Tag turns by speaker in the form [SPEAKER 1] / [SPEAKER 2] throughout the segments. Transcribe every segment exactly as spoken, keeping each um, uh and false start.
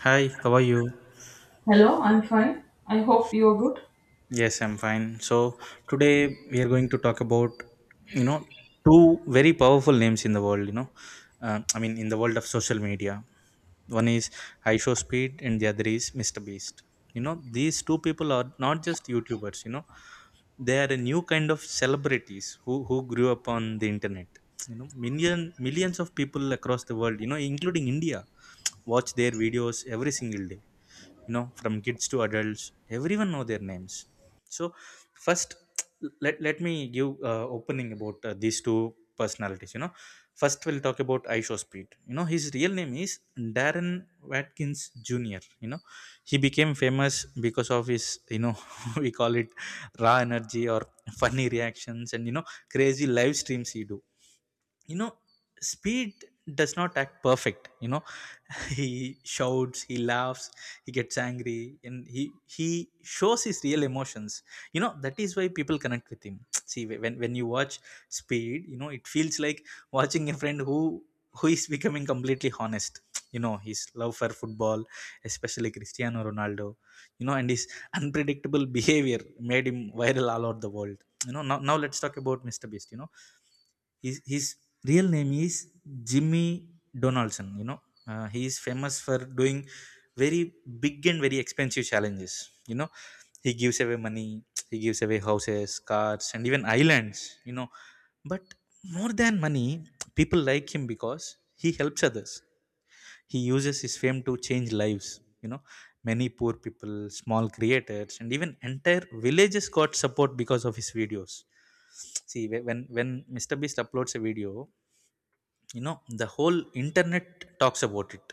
[SPEAKER 1] Hi, how are you?
[SPEAKER 2] Hello, I'm fine. I hope you're good.
[SPEAKER 1] Yes, I'm fine. So today we are going to talk about, you know, two very powerful names in the world. You know, uh, I mean, in the world of social media, one is Speed and the other is mister Beast. You know, these two people are not just YouTubers. You know, they are a new kind of celebrities who who grew up on the internet. You know, million millions of people across the world, you know, including India, watch their videos every single day. You know, from kids to adults, everyone know their names. So first, let, let me give uh, opening about uh, these two personalities, you know. First we'll talk about Isho Speed. You know, his real name is Darren Watkins Jr. You know, he became famous because of his, you know, we call it raw energy or funny reactions, and, you know, crazy live streams he do, you know. Speed does not act perfect, you know. he shouts, he laughs, he gets angry, and he he shows his real emotions. You know, that is why people connect with him. see, when when you watch Speed, you know, it feels like watching a friend who who is becoming completely honest. you know, his love for football, especially Cristiano Ronaldo, you know, and his unpredictable behavior made him viral all over the world. You know, now, now let's talk about Mr. Beast. You know, his, his real name is Jimmy Donaldson, you know. Uh, he is famous for doing very big and very expensive challenges, you know. He gives away money, he gives away houses, cars, and even islands, you know. But more than money, people like him because he helps others. He uses his fame to change lives, you know. Many poor people, small creators, and even entire villages got support because of his videos. See, whe- when when mister Beast uploads a video, you know, the whole internet talks about it.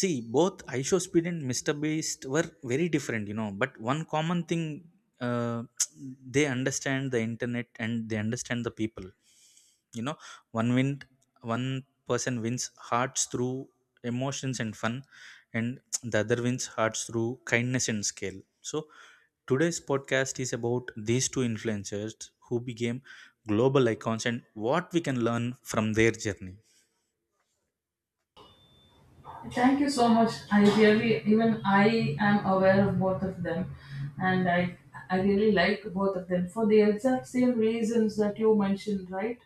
[SPEAKER 1] See, both iShow Speed and mister Beast were very different, you know. But one common thing, uh, they understand the internet and they understand the people, you know. one win one person wins hearts through emotions and fun, and the other wins hearts through kindness and scale. So today's podcast is about these two influencers who became global icons and what we can learn from their journey.
[SPEAKER 2] Thank you so much. I really, even I am aware of both of them, and I, I really like both of them for the exact same reasons that you mentioned, right?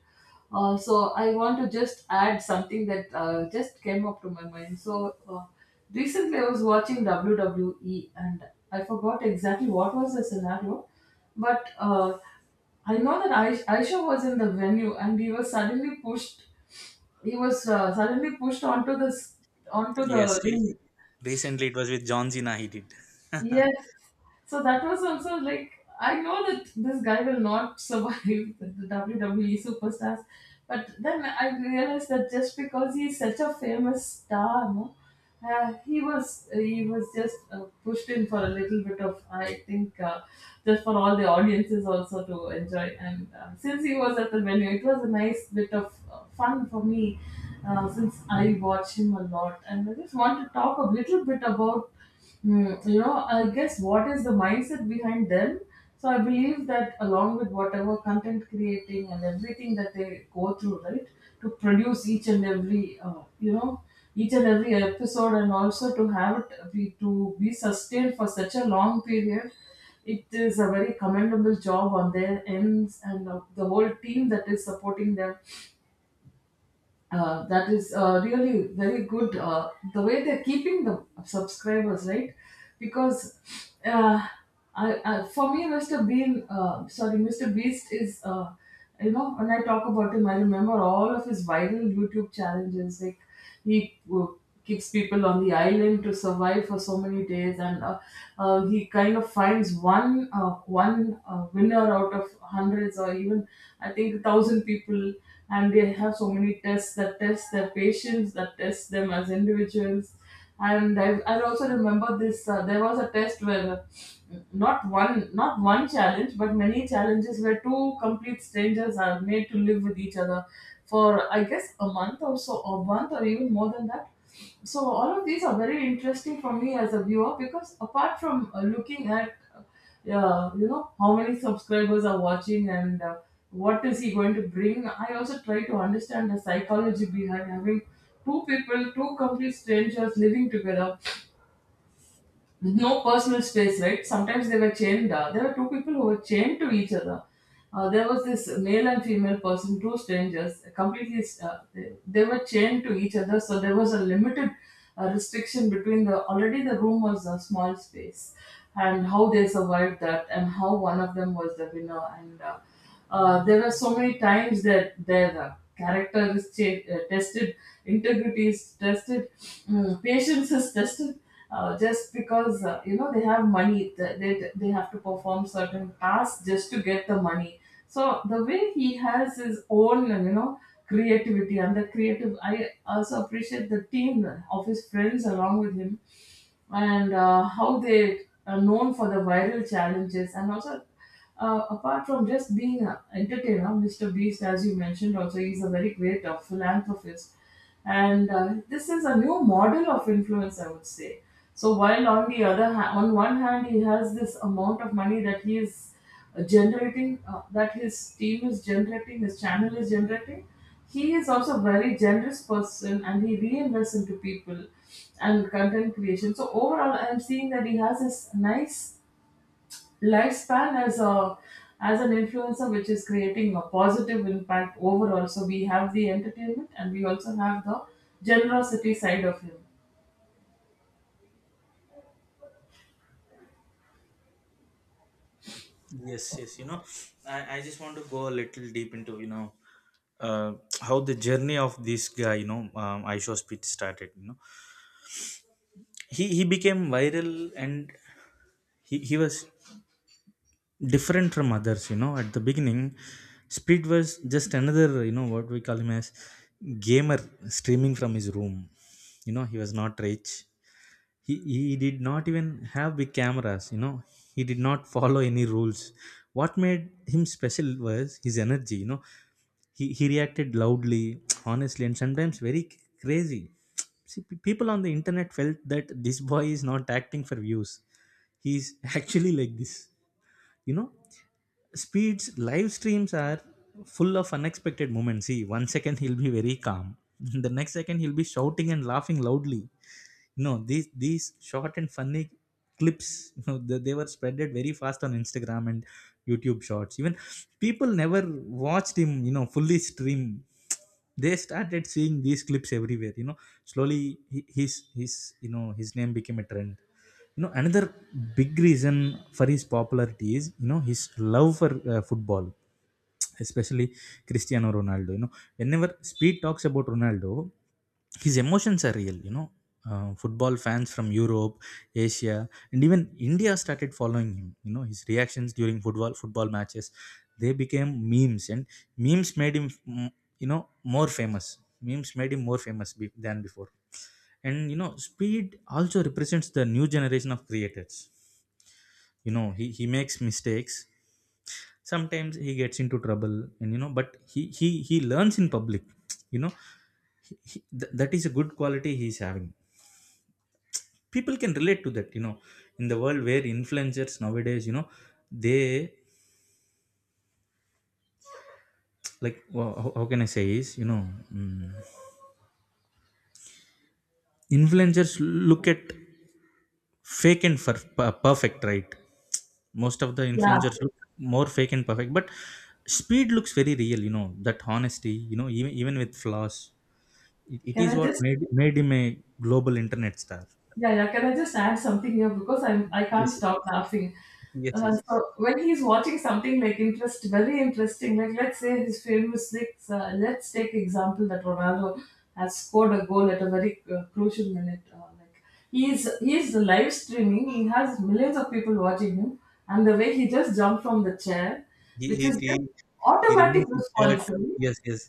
[SPEAKER 2] Uh, so I want to just add something that uh, just came up to my mind. So uh, recently I was watching W W E, and I forgot exactly what was the scenario, but uh, I know that Aish- Aisha was in the venue, and we were suddenly pushed. He was uh, suddenly pushed onto this onto
[SPEAKER 1] yes
[SPEAKER 2] the
[SPEAKER 1] he-
[SPEAKER 2] ring.
[SPEAKER 1] Recently it was with John Cena he did.
[SPEAKER 2] Yes. So that was also like I know that this guy will not survive the the W W E superstars, but then I realized that just because he's such a famous star, no, uh, he was he was just uh, pushed in for a little bit of, I think, uh, just for all the audiences also to enjoy. And uh, since he was at the venue, it was a nice bit of uh, fun for me, uh, since I watch him a lot, and I just want to talk a little bit about. Hmm, you know, I guess what is the mindset behind them? So I believe that along with whatever content creating and everything that they go through, right, to produce each and every, uh, you know, each and every episode, and also to have it be to be sustained for such a long period, it is a very commendable job on their ends and uh, the whole team that is supporting them, uh, that is uh, really very good. Uh, the way they're keeping the subscribers, right? Because uh, I, I, for me, Mister Bean, uh, sorry, Mister Beast is, uh, you know, when I talk about him, I remember all of his viral YouTube challenges. Like he w- kicks people on the island to survive for so many days, and uh, uh, he kind of finds one uh, one uh, winner out of hundreds or even, I think, a thousand people, and they have so many tests that test their patience, that test them as individuals. And I, I also remember this. Uh, there was a test where uh, not one, not one challenge, but many challenges where two complete strangers are made to live with each other for, I guess, a month or so, or month or even more than that. So all of these are very interesting for me as a viewer because, apart from uh, looking at, uh, yeah, you know, how many subscribers are watching and uh, what is he going to bring, I also try to understand the psychology behind having two people, two complete strangers, living together. No personal space, right? Sometimes they were chained. Uh, there were two people who were chained to each other. Uh, there was this male and female person, two strangers, completely. Uh, they, they were chained to each other, so there was a limited uh, restriction between the. Already, the room was a small space, and how they survived that, and how one of them was the winner, and. Uh, uh, there were so many times that their uh, character is cha- uh, tested, integrity is tested, mm, patience is tested. Uh, just because uh, you know they have money, th- they they have to perform certain tasks just to get the money. So the way he has his own, uh, you know, creativity and the creative, I also appreciate the team of his friends along with him and uh, how they are known for the viral challenges and also, uh, apart from just being an entertainer, Mister Beast, as you mentioned, also he's a very great uh, philanthropist. And uh, this is a new model of influence, I would say. So while on the other hand, on one hand, he has this amount of money that he is uh, generating, uh, that his team is generating, his channel is generating. He is also a very generous person, and he reinvests into people and content creation. So overall, I'm seeing that he has this nice lifespan as a as an influencer, which is creating a positive impact overall. So we have the entertainment and we also have the generosity side of him.
[SPEAKER 1] yes, yes, you know, I, I just want to go a little deep into, you know, uh, how the journey of this guy, you know, um, I show speed started. You know, he he became viral. And he, he was different from others, you know. At the beginning, Speed was just another, you know, what we call him as, gamer streaming from his room. You know, he was not rich. he he did not even have big cameras, you know. He did not follow any rules. What made him special was his energy, you know. He, he reacted loudly, honestly, and sometimes very c- crazy. See, pe- people on the internet felt that this boy is not acting for views, he's actually like this, you know. Speed's live streams are full of unexpected moments. See, one second he'll be very calm, the next second he'll be shouting and laughing loudly. No, these these short and funny clips, you know, they, they were spreaded very fast on Instagram and YouTube Shorts. Even people never watched him, you know, fully stream. They started seeing these clips everywhere, you know. Slowly, hi- his his you know, his name became a trend. You know, another big reason for his popularity is, you know, his love for uh, football, especially Cristiano Ronaldo. You know, whenever Speed talks about Ronaldo, his emotions are real. You know, uh, football fans from Europe, Asia, and even India started following him. You know, his reactions during football football matches, they became memes, and memes made him, mm, you know, more famous. Memes made him more famous be- than before. And you know, Speed also represents the new generation of creators. You know, he, he makes mistakes, sometimes he gets into trouble, and you know, but he he he learns in public, you know. He, he, th- that is a good quality he is having. People can relate to that, you know. In the world where influencers nowadays, you know, they like, well, how, how can I say is, you know, mm, influencers look at fake and for, per- perfect, right? Most of the
[SPEAKER 2] Yeah,
[SPEAKER 1] influencers look more fake and perfect, but Speed looks very real. You know, that honesty, you know, even even with flaws, it, it
[SPEAKER 2] can
[SPEAKER 1] is
[SPEAKER 2] I
[SPEAKER 1] what
[SPEAKER 2] just.
[SPEAKER 1] made made him a global internet star.
[SPEAKER 2] Yeah, yeah. Can I just add something here because I'm I can't
[SPEAKER 1] Yes, yes.
[SPEAKER 2] stop laughing.
[SPEAKER 1] Yes,
[SPEAKER 2] Uh,
[SPEAKER 1] yes.
[SPEAKER 2] so when he's watching something like interest, very interesting, like let's say his famous six, uh, let's take example that Ronaldo has scored a goal at a very uh, crucial minute. Uh, like he's he's live streaming, he has millions of people watching him, and the way he just jumped from the chair,
[SPEAKER 1] he
[SPEAKER 2] which
[SPEAKER 1] he,
[SPEAKER 2] is
[SPEAKER 1] he,
[SPEAKER 2] just
[SPEAKER 1] he
[SPEAKER 2] automatic
[SPEAKER 1] removes his shirt.
[SPEAKER 2] response. Right?
[SPEAKER 1] Yes, yes.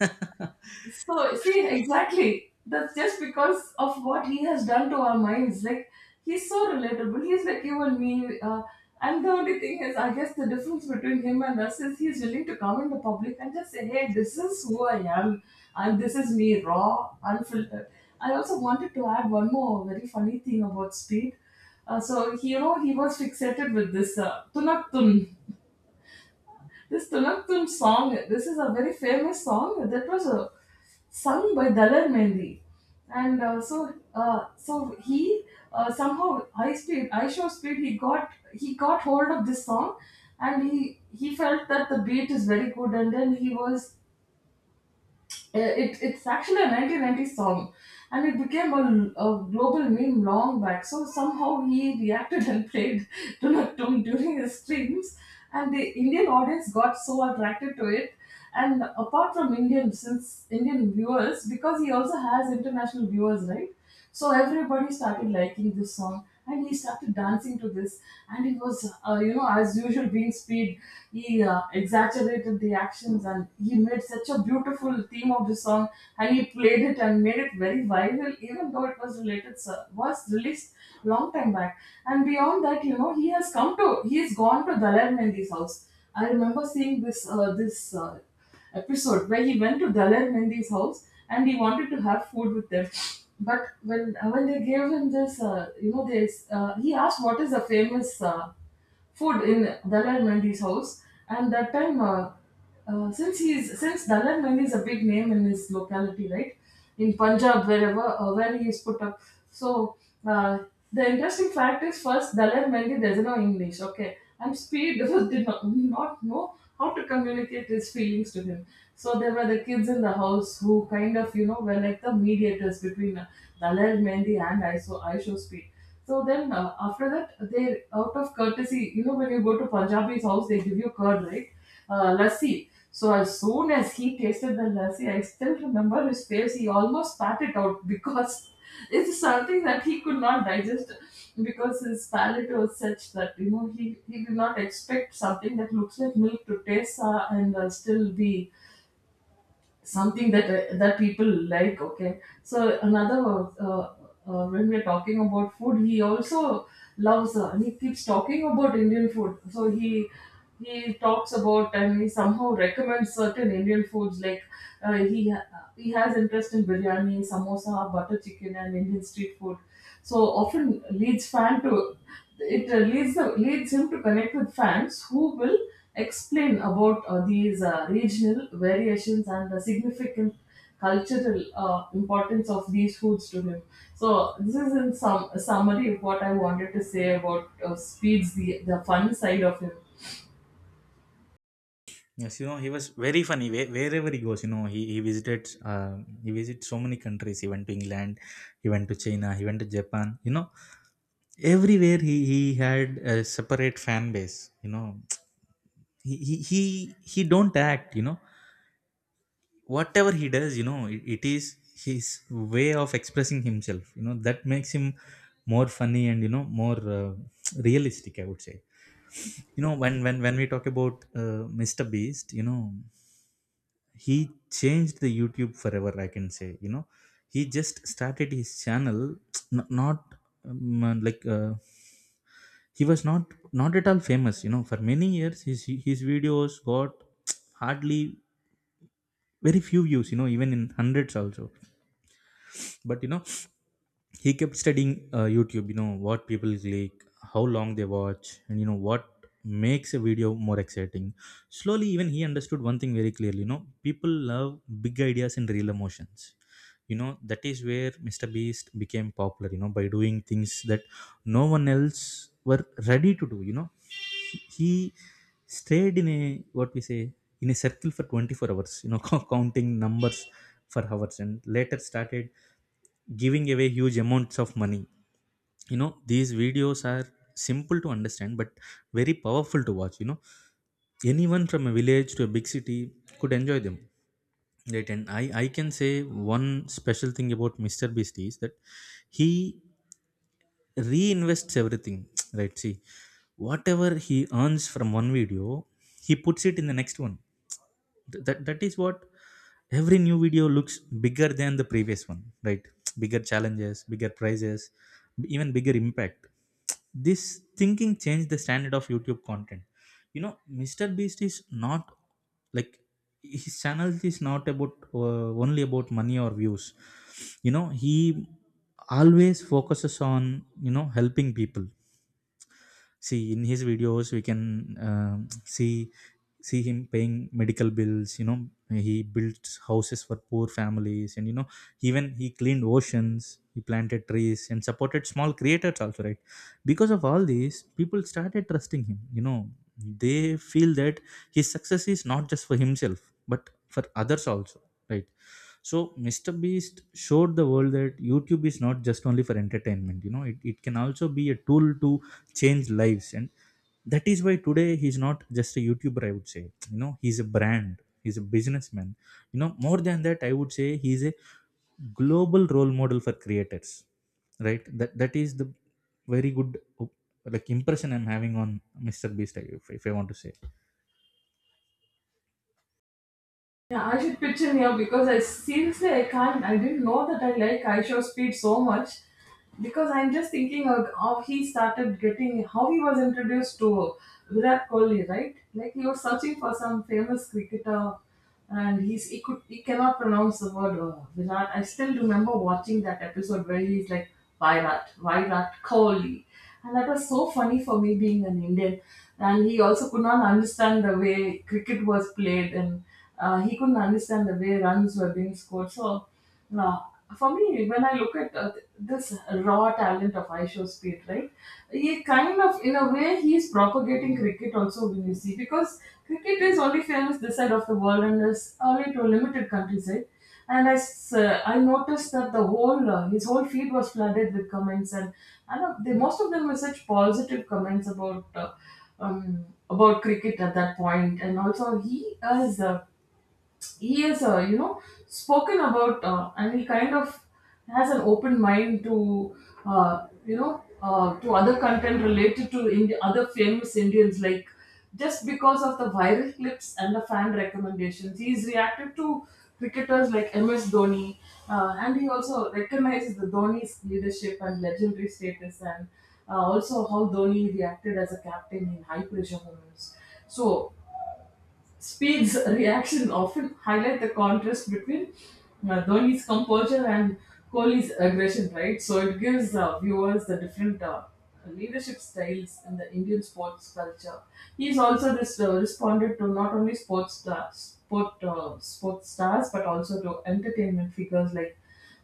[SPEAKER 2] So, see, exactly. That's just because of what he has done to our minds. Like, he's so relatable. He's like you and me. Uh, and the only thing is, I guess the difference between him and us is he's willing to come in the public and just say, hey, this is who I am. And this is me, raw, unfiltered. I also wanted to add one more very funny thing about speed. Uh, so, he, you know, he was fixated with this uh, tunat tun. This Tunaktum song, this is a very famous song that was uh, sung by Dalar Mendi. And uh, so, uh, so he, uh, somehow, high speed, high show speed, he got, he got hold of this song, and he he felt that the beat is very good, and then he was, uh, it, it's actually a nineteen nineties song and it became a, a global meme long back. So somehow he reacted and played Do Not Dunatum during his streams, and the Indian audience got so attracted to it. And apart from Indian, since Indian viewers, because he also has international viewers, right? So everybody started liking this song and he started dancing to this. And he was, uh, you know, as usual being speed, he uh, exaggerated the actions and he made such a beautiful theme of the song, and he played it and made it very viral even though it was related so- was released long time back. And beyond that, you know, he has come to he has gone to Dalai Mendi's house. I remember seeing this uh, this uh, episode where he went to Dalar Hindi's house and he wanted to have food with them. But when when they gave him this, uh, you know, this uh, he asked what is the famous uh, food in Dalar Mendi's house, and that time, uh, uh, since he's since Dalar Mendi is a big name in his locality, right? In Punjab, wherever uh, where he is put up. So uh, the interesting fact is, first, Daler Mendy doesn't know English. Okay, and Speed did not, not know how to communicate his feelings to him. So there were the kids in the house who kind of, you know, were like the mediators between uh, Daler Mendy and I S O ISO Speed. So then, uh, after that, they, out of courtesy, you know, when you go to Punjabi's house, they give you curd, right? Uh, lassi. So as soon as he tasted the lassi, I still remember his face. He almost spat it out because it's something that he could not digest because his palate was such that, you know, he, he did not expect something that looks like milk to taste uh, and uh, still be something that, uh, that people like. Okay, so another, uh, uh, when we're talking about food, he also loves, uh, and he keeps talking about Indian food. So he he talks about and he somehow recommends certain Indian foods. Like, uh, he ha- he has interest in biryani, samosa, butter chicken, and Indian street food. So often leads fan to it, uh, leads the, leads him to connect with fans who will explain about uh, these uh, regional variations and the significant cultural uh, importance of these foods to him. So this is in some summary of what I wanted to say about uh, speeds the the fun side of him.
[SPEAKER 1] Yes, you know, he was very funny where- wherever he goes. You know, he, he visited, uh, he visited so many countries. He went to England, he went to China, he went to Japan. You know, everywhere he, he had a separate fan base. You know, he, he, he, he don't act, you know, whatever he does, you know, it, it is his way of expressing himself. You know, that makes him more funny, and, you know, more uh, realistic, I would say. You know, when, when, when we talk about uh, mister Beast, you know, he changed the YouTube forever, I can say. You know, he just started his channel, n- not um, uh, like uh, he was not not at all famous. You know, for many years, his his videos got hardly very few views. You know, even in hundreds also. But you know, he kept studying uh, YouTube, you know, what people click, how long they watch, and you know what makes a video more exciting. Slowly, even he understood one thing very clearly. You know, people love big ideas and real emotions. You know, that is where Mr. Beast became popular. You know, by doing things that no one else were ready to do, you know. He stayed in a, what we say, in a circle for twenty-four hours, you know, counting numbers for hours, and later started giving away huge amounts of money. You know, these videos are simple to understand but very powerful to watch. You know, anyone from a village to a big city could enjoy them, right? And i i can say one special thing about Mr. Beast is that he reinvests everything, right? See, whatever he earns from one video, he puts it in the next one. Th- that that is what, every new video looks bigger than the previous one, right? bigger challenges, bigger prizes, even bigger impact. This thinking changed the standard of YouTube content. You know, Mr. Beast is not like, his channel is not about uh, only about money or views. You know, he always focuses on, you know, helping people. See, in his videos we can, um see see him paying medical bills. You know, he built houses for poor families, and you know, even he cleaned oceans, he planted trees, and supported small creators also, right? Because of all these, people started trusting him. You know, they feel that his success is not just for himself but for others also, right? So Mr. Beast showed the world that YouTube is not just only for entertainment. You know, it, it can also be a tool to change lives. And that is why today he's not just a YouTuber, I would say. You know, he's a brand, he's a businessman. You know, more than that, I would say he's a global role model for creators, right? That that is the very good op- like impression I'm having on Mr. Beast, if, if I want to say.
[SPEAKER 2] Yeah, I should pitch in here because I seriously I can't I didn't know that I like Aisha Speed so much because I'm just thinking of how he started getting how he was introduced to Virat Kohli, right? Like he was searching for some famous cricketer and he's he could he cannot pronounce the word uh, Virat. I still remember watching that episode where he's like Virat, Virat Kohli. And that was so funny for me being an Indian. And he also could not understand the way cricket was played, and uh, he couldn't understand the way runs were being scored. So, uh, for me, when I look at uh, this raw talent of Aisho Speed, right, he kind of, in a way, he's propagating cricket also when you see, because cricket is only famous this side of the world and is only to a limited countries, right? And I, s- uh, I noticed that the whole uh, his whole feed was flooded with comments, and I know they, most of them were such positive comments about uh, um, about cricket at that point, and also he is. Uh, he has uh, you know spoken about uh, and he kind of has an open mind to uh, you know uh, to other content related to Indi- other famous indians like just because of the viral clips and the fan recommendations he's reacted to cricketers like Ms Dhoni, uh, and he also recognizes the Dhoni's leadership and legendary status, and uh, also how Dhoni reacted as a captain in high pressure moments. So Speed's reaction often highlight the contrast between uh, Dhoni's composure and Kohli's aggression, right? So it gives uh, viewers the different uh, leadership styles in the Indian sports culture. He's also this, uh, responded to not only sports stars, sport, uh, sports stars, but also to entertainment figures like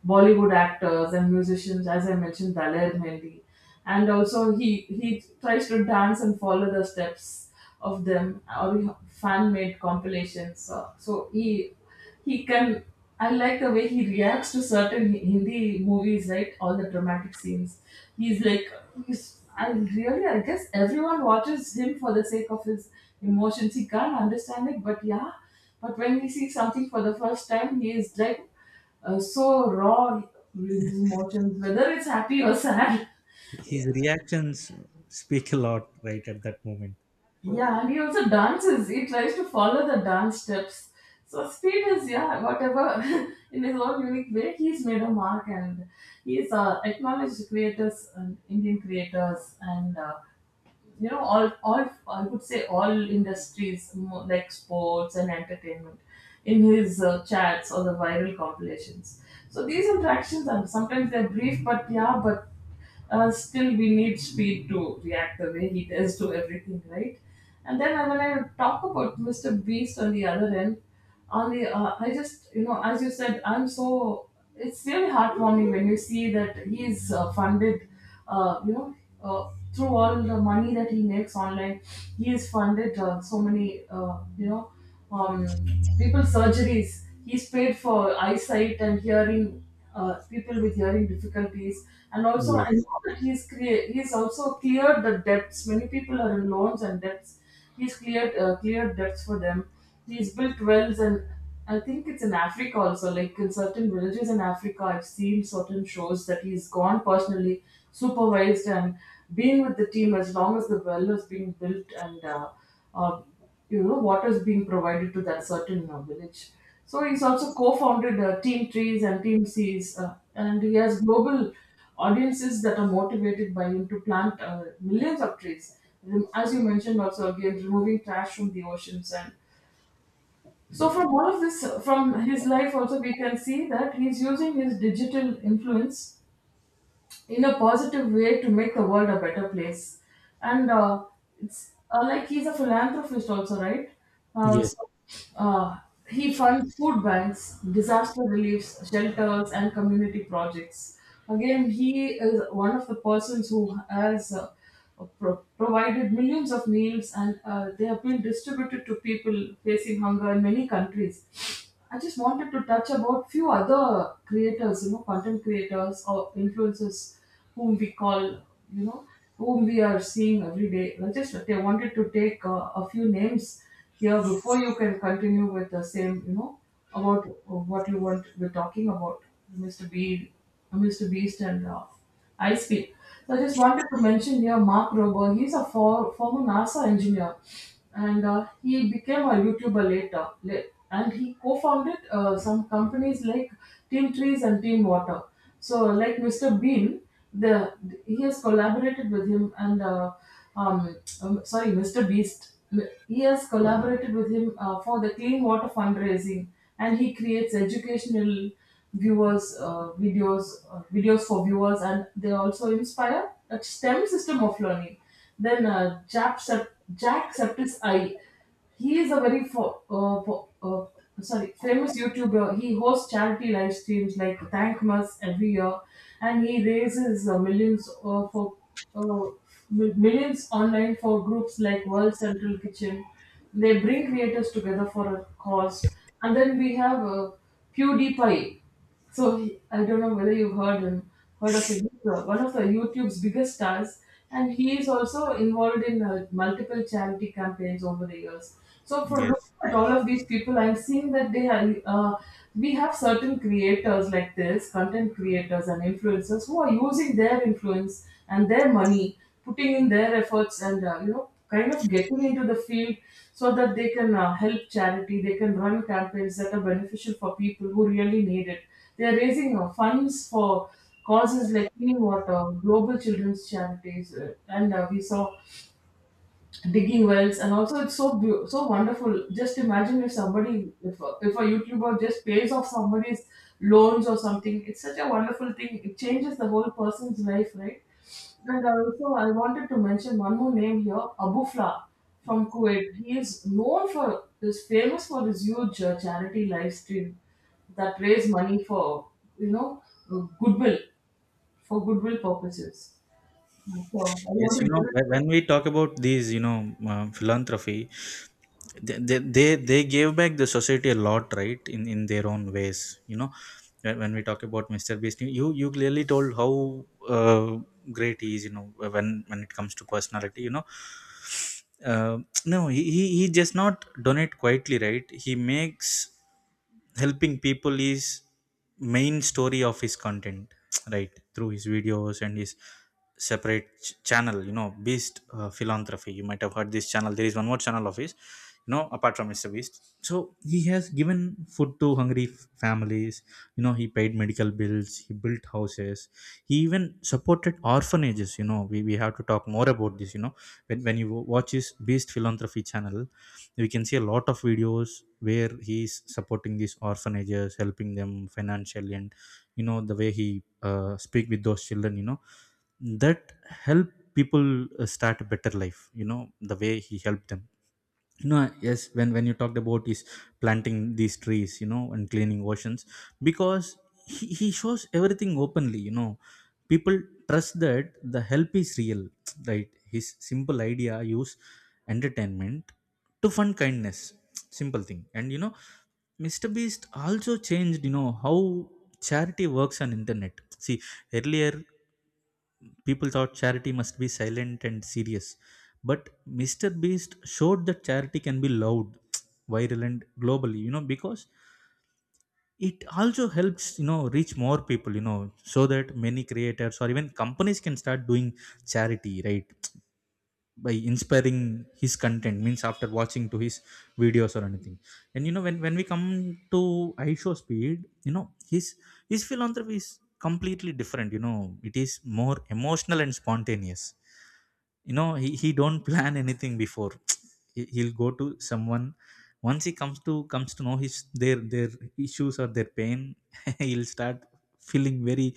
[SPEAKER 2] Bollywood actors and musicians, as I mentioned, Daler Mehndi. And also he, he tries to dance and follow the steps of them or fan-made compilations. So, so he he can I like the way he reacts to certain Hindi movies, right? All the dramatic scenes. He's like, he's, I really, I guess everyone watches him for the sake of his emotions. He can't understand it, but yeah. But when he sees something for the first time, he is like, uh, so raw in his emotions, whether it's happy or sad. Yeah.
[SPEAKER 1] His reactions speak a lot, right, at that moment.
[SPEAKER 2] Yeah, and he also dances. He tries to follow the dance steps. So Speed is, yeah, whatever, in his own unique way, he's made a mark. And he's uh, acknowledged creators, and Indian creators, and uh, you know all all I would say all industries, mo- like sports and entertainment, in his uh, chats or the viral compilations. So these interactions are sometimes they're brief, but yeah, but uh, still we need Speed to react the way he does to everything, right? And then when I talk about Mr. Beast on the other end, only uh, I just, you know, as you said, I'm so it's really heartwarming when you see that he's uh, funded uh, you know uh, through all the money that he makes online, he has funded uh, so many uh, you know um, people surgeries. He's paid for eyesight and hearing, uh, people with hearing difficulties. And also I
[SPEAKER 1] Yes.
[SPEAKER 2] know that he's crea- he's also cleared the debts, many people are in loans and debts. He's cleared, uh, cleared debts for them. He's built wells, and I think it's in Africa also. Like in certain villages in Africa, I've seen certain shows that he's gone personally, supervised, and been with the team as long as the well is being built and. Uh, uh, you know, what is being provided to that certain uh, village. So he's also co-founded uh, Team Trees and Team Seas, uh, and he has global audiences that are motivated by him to plant uh, millions of trees. Rem- as you mentioned, also again removing trash from the oceans. And so from all of this, uh, from his life also, we can see that he's using his digital influence in a positive way to make the world a better place. And uh, it's uh, like he's a philanthropist also, right? Uh,
[SPEAKER 1] Yes.
[SPEAKER 2] so uh, he funds food banks, disaster reliefs, shelters, and community projects. Again, he is one of the persons who has, uh, pro- provided millions of meals, and uh, they have been distributed to people facing hunger in many countries. I just wanted to touch about few other creators, you know, content creators or influencers whom we call, you know, whom we are seeing every day. I just I wanted to take uh, a few names here before you can continue with the same, you know, about what you want we're talking about, mister Beast, mister Beast, and uh, I Speed. So I just wanted to mention here Mark Rober. He's a for, former NASA engineer, and uh, he became a YouTuber later. la- And he co-founded uh, some companies like Team Trees and Team Water. So like mister Bean, the he has collaborated with him. And uh, um, um, sorry, mister Beast. M- He has collaborated with him uh, for the clean water fundraising, and he creates educational viewers uh, videos uh, videos for viewers, and they also inspire a STEM system of learning. Then uh, Jack, Sep- Jack Septiceye, he is a very fo- uh, fo- uh, sorry, famous YouTuber. He hosts charity live streams like Thank Mass every year, and he raises uh, millions uh, for uh, mi- millions online for groups like World Central Kitchen. They bring creators together for a cause. And then we have uh, PewDiePie. So he, I don't know whether you've heard him, heard of him. He's, uh, one of the YouTube's biggest stars, and he is also involved in uh, multiple charity campaigns over the years. So for looking
[SPEAKER 1] Yes,
[SPEAKER 2] at all of these people, I'm seeing that they are. Uh, we have certain creators like this, content creators and influencers who are using their influence and their money, putting in their efforts, and uh, you know, kind of getting into the field so that they can uh, help charity, they can run campaigns that are beneficial for people who really need it. They are raising uh, funds for causes like clean water, global children's charities, uh, and uh, we saw digging wells. And also it's so beau- so wonderful, just imagine if somebody, if a, if a youtuber just pays off somebody's loans or something, it's such a wonderful thing, it changes the whole person's life, right? And also I wanted to mention one more name here, Abu Fla from Kuwait. He is known for, is famous for his huge uh, charity live stream that raise money for, you know, uh, goodwill, for goodwill purposes. So I
[SPEAKER 1] yes,
[SPEAKER 2] want to
[SPEAKER 1] you know,
[SPEAKER 2] give it.
[SPEAKER 1] wh- when we talk about these, you know, uh, philanthropy, they they they they gave back the society a lot, right, in in their own ways, you know. When when we talk about Mr. Beast, you you clearly told how uh, great he is, you know, when when it comes to personality, you know. uh, no, he, he he just not donate quietly, right, he makes helping people is main story of his content right, through his videos and his separate ch- channel, you know, Beast uh, Philanthropy. You might have heard this channel. There is one more channel of his, you know, apart from Mr. Beast. So he has given food to hungry f- families, you know, he paid medical bills, he built houses, he even supported orphanages. You know, we, we have to talk more about this, you know. When, when you wa- watch his Beast Philanthropy channel, we can see a lot of videos where he's supporting these orphanages, helping them financially, and you know, the way he uh, speak with those children, you know, that help people uh, start a better life, you know, the way he helped them. No, yes, when when you talked about is planting these trees, you know, and cleaning oceans, because he, he shows everything openly, you know, people trust that the help is real. Right. His simple idea: use entertainment to fund kindness. Simple thing. And you know, Mr. Beast also changed, you know, how charity works on internet. See, earlier people thought charity must be silent and serious. But mister Beast showed that charity can be loud, viral, and globally, you know, because it also helps, you know, reach more people, you know, so that many creators or even companies can start doing charity, right? By inspiring his content, means after watching to his videos or anything. And you know, when when we come to ishow speed you know, his his philanthropy is completely different, you know. It is more emotional and spontaneous, you know. He, he don't plan anything before. He- he'll go to someone. Once he comes to comes to know his their their issues or their pain, he'll start feeling very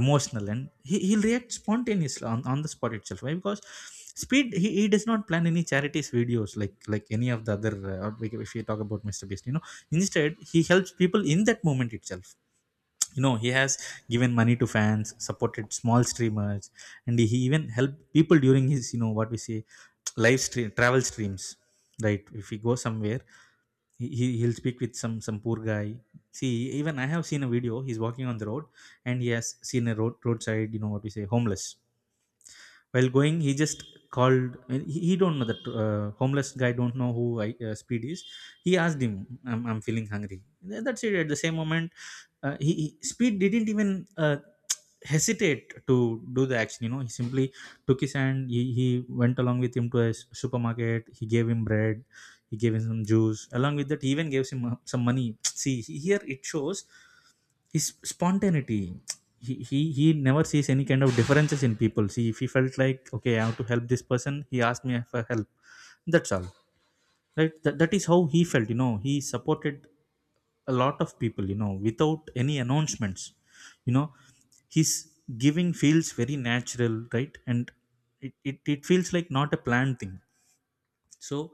[SPEAKER 1] emotional, and he, he'll react spontaneously on, on the spot itself. Why? Because speed, he, he does not plan any charities videos like like any of the other, uh, or we- if you talk about Mr. Beast, you know, instead he helps people in that moment itself. You know, he has given money to fans, supported small streamers, and he even helped people during his, you know, what we say, live stream, travel streams. Right, if he goes somewhere, he he- he'll speak with some some poor guy. See, even I have seen a video, he's walking on the road, and he has seen a road roadside, you know what we say, homeless. While going, he just called, and he, he don't know that uh, homeless guy don't know who I, uh, speed is. He asked him, i'm, I'm feeling hungry. Th- that's it. At the same moment, uh, he, he speed didn't even uh, hesitate to do the action. You know, he simply took his hand, he, he went along with him to a s- supermarket, he gave him bread, he gave him some juice. Along with that, he even gave him uh, some money. See, he- here it shows his spontaneity. He, he he never sees any kind of differences in people. See, if he felt like okay, I have to help this person, he asked me for help, that's all. Right, that, that is how he felt. You know, he supported a lot of people, you know, without any announcements. You know, his giving feels very natural, right, and it, it, it feels like not a planned thing. So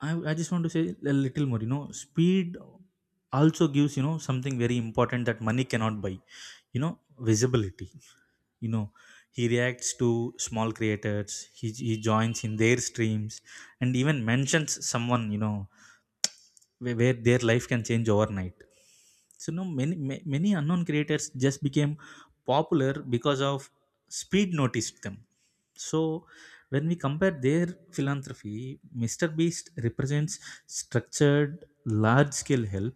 [SPEAKER 1] I, I just want to say a little more. You know, speed also gives, you know, something very important that money cannot buy, you know, visibility. You know, he reacts to small creators, he, he joins in their streams, and even mentions someone, you know, where, where their life can change overnight. So now many ma- many unknown creators just became popular because of speed noticed them. So when we compare their philanthropy, Mr. Beast represents structured, large scale help.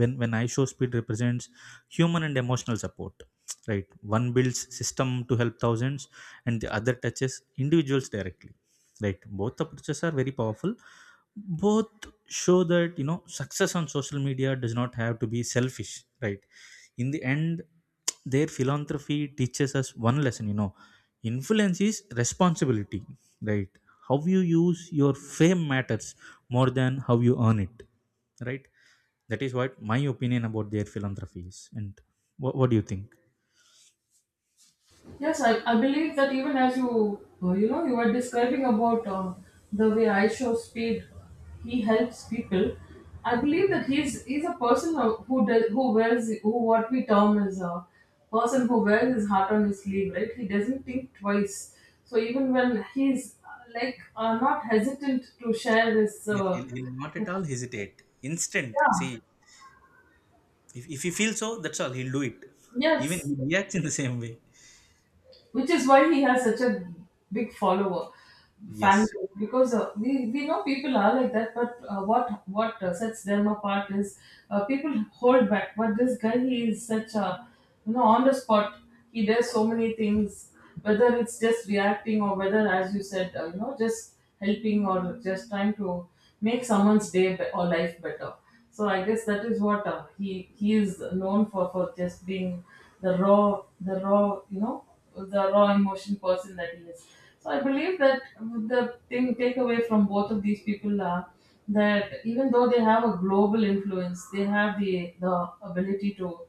[SPEAKER 1] When when I show speed represents human and emotional support, right. One builds system to help thousands, and the other touches individuals directly, right. Both approaches are very powerful. Both show that, you know, success on social media does not have to be selfish, right. In the end, their philanthropy teaches us one lesson. You know, influence is responsibility, right. How you use your fame matters more than how you earn it, right. That is what my opinion about their philanthropy is. And what, what do you think?
[SPEAKER 2] Yes, I, I believe that even as you uh, you know you were describing about uh, the way I Show Speed, he helps people. I believe that he's he's a person of- who does, who wears, who what we term as a person who wears his heart on his sleeve, right? He doesn't think twice. So even when he's uh, like uh, not hesitant to share his
[SPEAKER 1] Yes,
[SPEAKER 2] uh,
[SPEAKER 1] he'll, he'll not at
[SPEAKER 2] like,
[SPEAKER 1] all hesitate, instant. See, if, if he feels so, that's all, he'll do it. Even he
[SPEAKER 2] yes,
[SPEAKER 1] reacts in the same way.
[SPEAKER 2] which is why he has such a big follower fan
[SPEAKER 1] Yes.
[SPEAKER 2] group. Because uh, we, we know people are like that, but uh, what what uh, sets them apart is uh, people hold back, but this guy, he is such a, you know, on the spot, he does so many things, whether it's just reacting or whether, as you said, uh, you know just helping or just trying to make someone's day be- or life better. So I guess that is what uh, he he is known for for just being the raw the raw you know the raw emotion person that he is. So I believe that the thing takeaway from both of these people are that even though they have a global influence, they have the the ability to,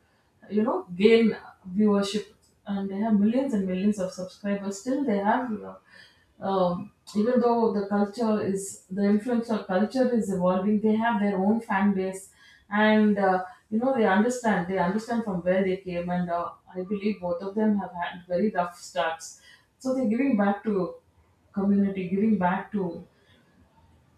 [SPEAKER 2] you know, gain viewership, and they have millions and millions of subscribers. Still, they have, you know, um, even though the culture is the influence of culture is evolving, they have their own fan base. And uh, you know they understand, they understand from where they came. And uh, I believe both of them have had very rough starts, so they're giving back to community, giving back to,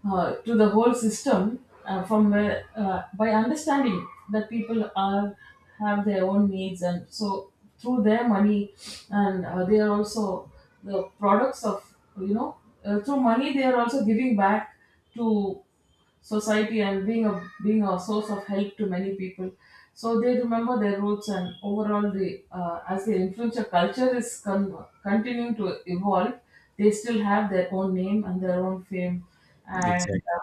[SPEAKER 2] uh, to the whole system, uh, from where, uh, by understanding that people are have their own needs. And so through their money, and uh, they are also the products of, you know, uh, through money they are also giving back to society, and being a, being a source of help to many people. So they remember their roots, and overall the, uh, as the influencer culture is con- continuing to evolve, they still have their own name and their own fame. And uh,
[SPEAKER 1] Exactly.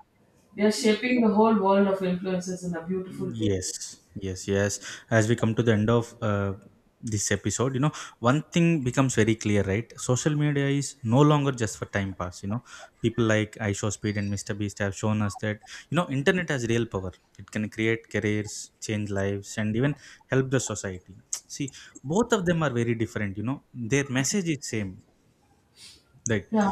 [SPEAKER 2] they are shaping the whole world of influences in a beautiful way.
[SPEAKER 1] Yes. Yes. Yes. As we come to the end of uh, this episode, you know, one thing becomes very clear, right? Social media is no longer just for time pass. You know, people like iShowSpeed and mister Beast have shown us that, you know, internet has real power. It can create careers, change lives, and even help the society. See, both of them are very different. You know, their message is same, right.
[SPEAKER 2] Yeah,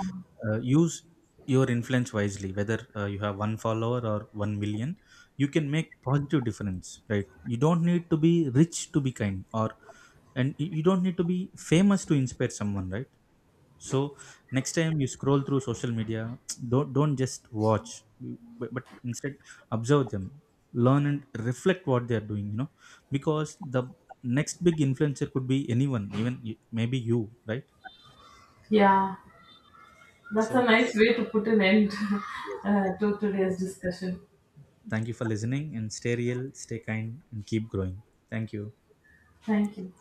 [SPEAKER 1] Uh, use your influence wisely. Whether uh, you have one follower or one million, you can make positive difference. Right. You don't need to be rich to be kind, or and y- you don't need to be famous to inspire someone. Right. So next time you scroll through social media, don't don't just watch, but, but instead observe them, learn and reflect what they are doing. You know, because the next big influencer could be anyone, even y- maybe you. Right.
[SPEAKER 2] yeah, that's a
[SPEAKER 1] So
[SPEAKER 2] nice way to put an end
[SPEAKER 1] yes,
[SPEAKER 2] uh, to today's discussion.
[SPEAKER 1] thank you for listening, and stay real, stay kind, and keep growing. Thank you.
[SPEAKER 2] Thank you.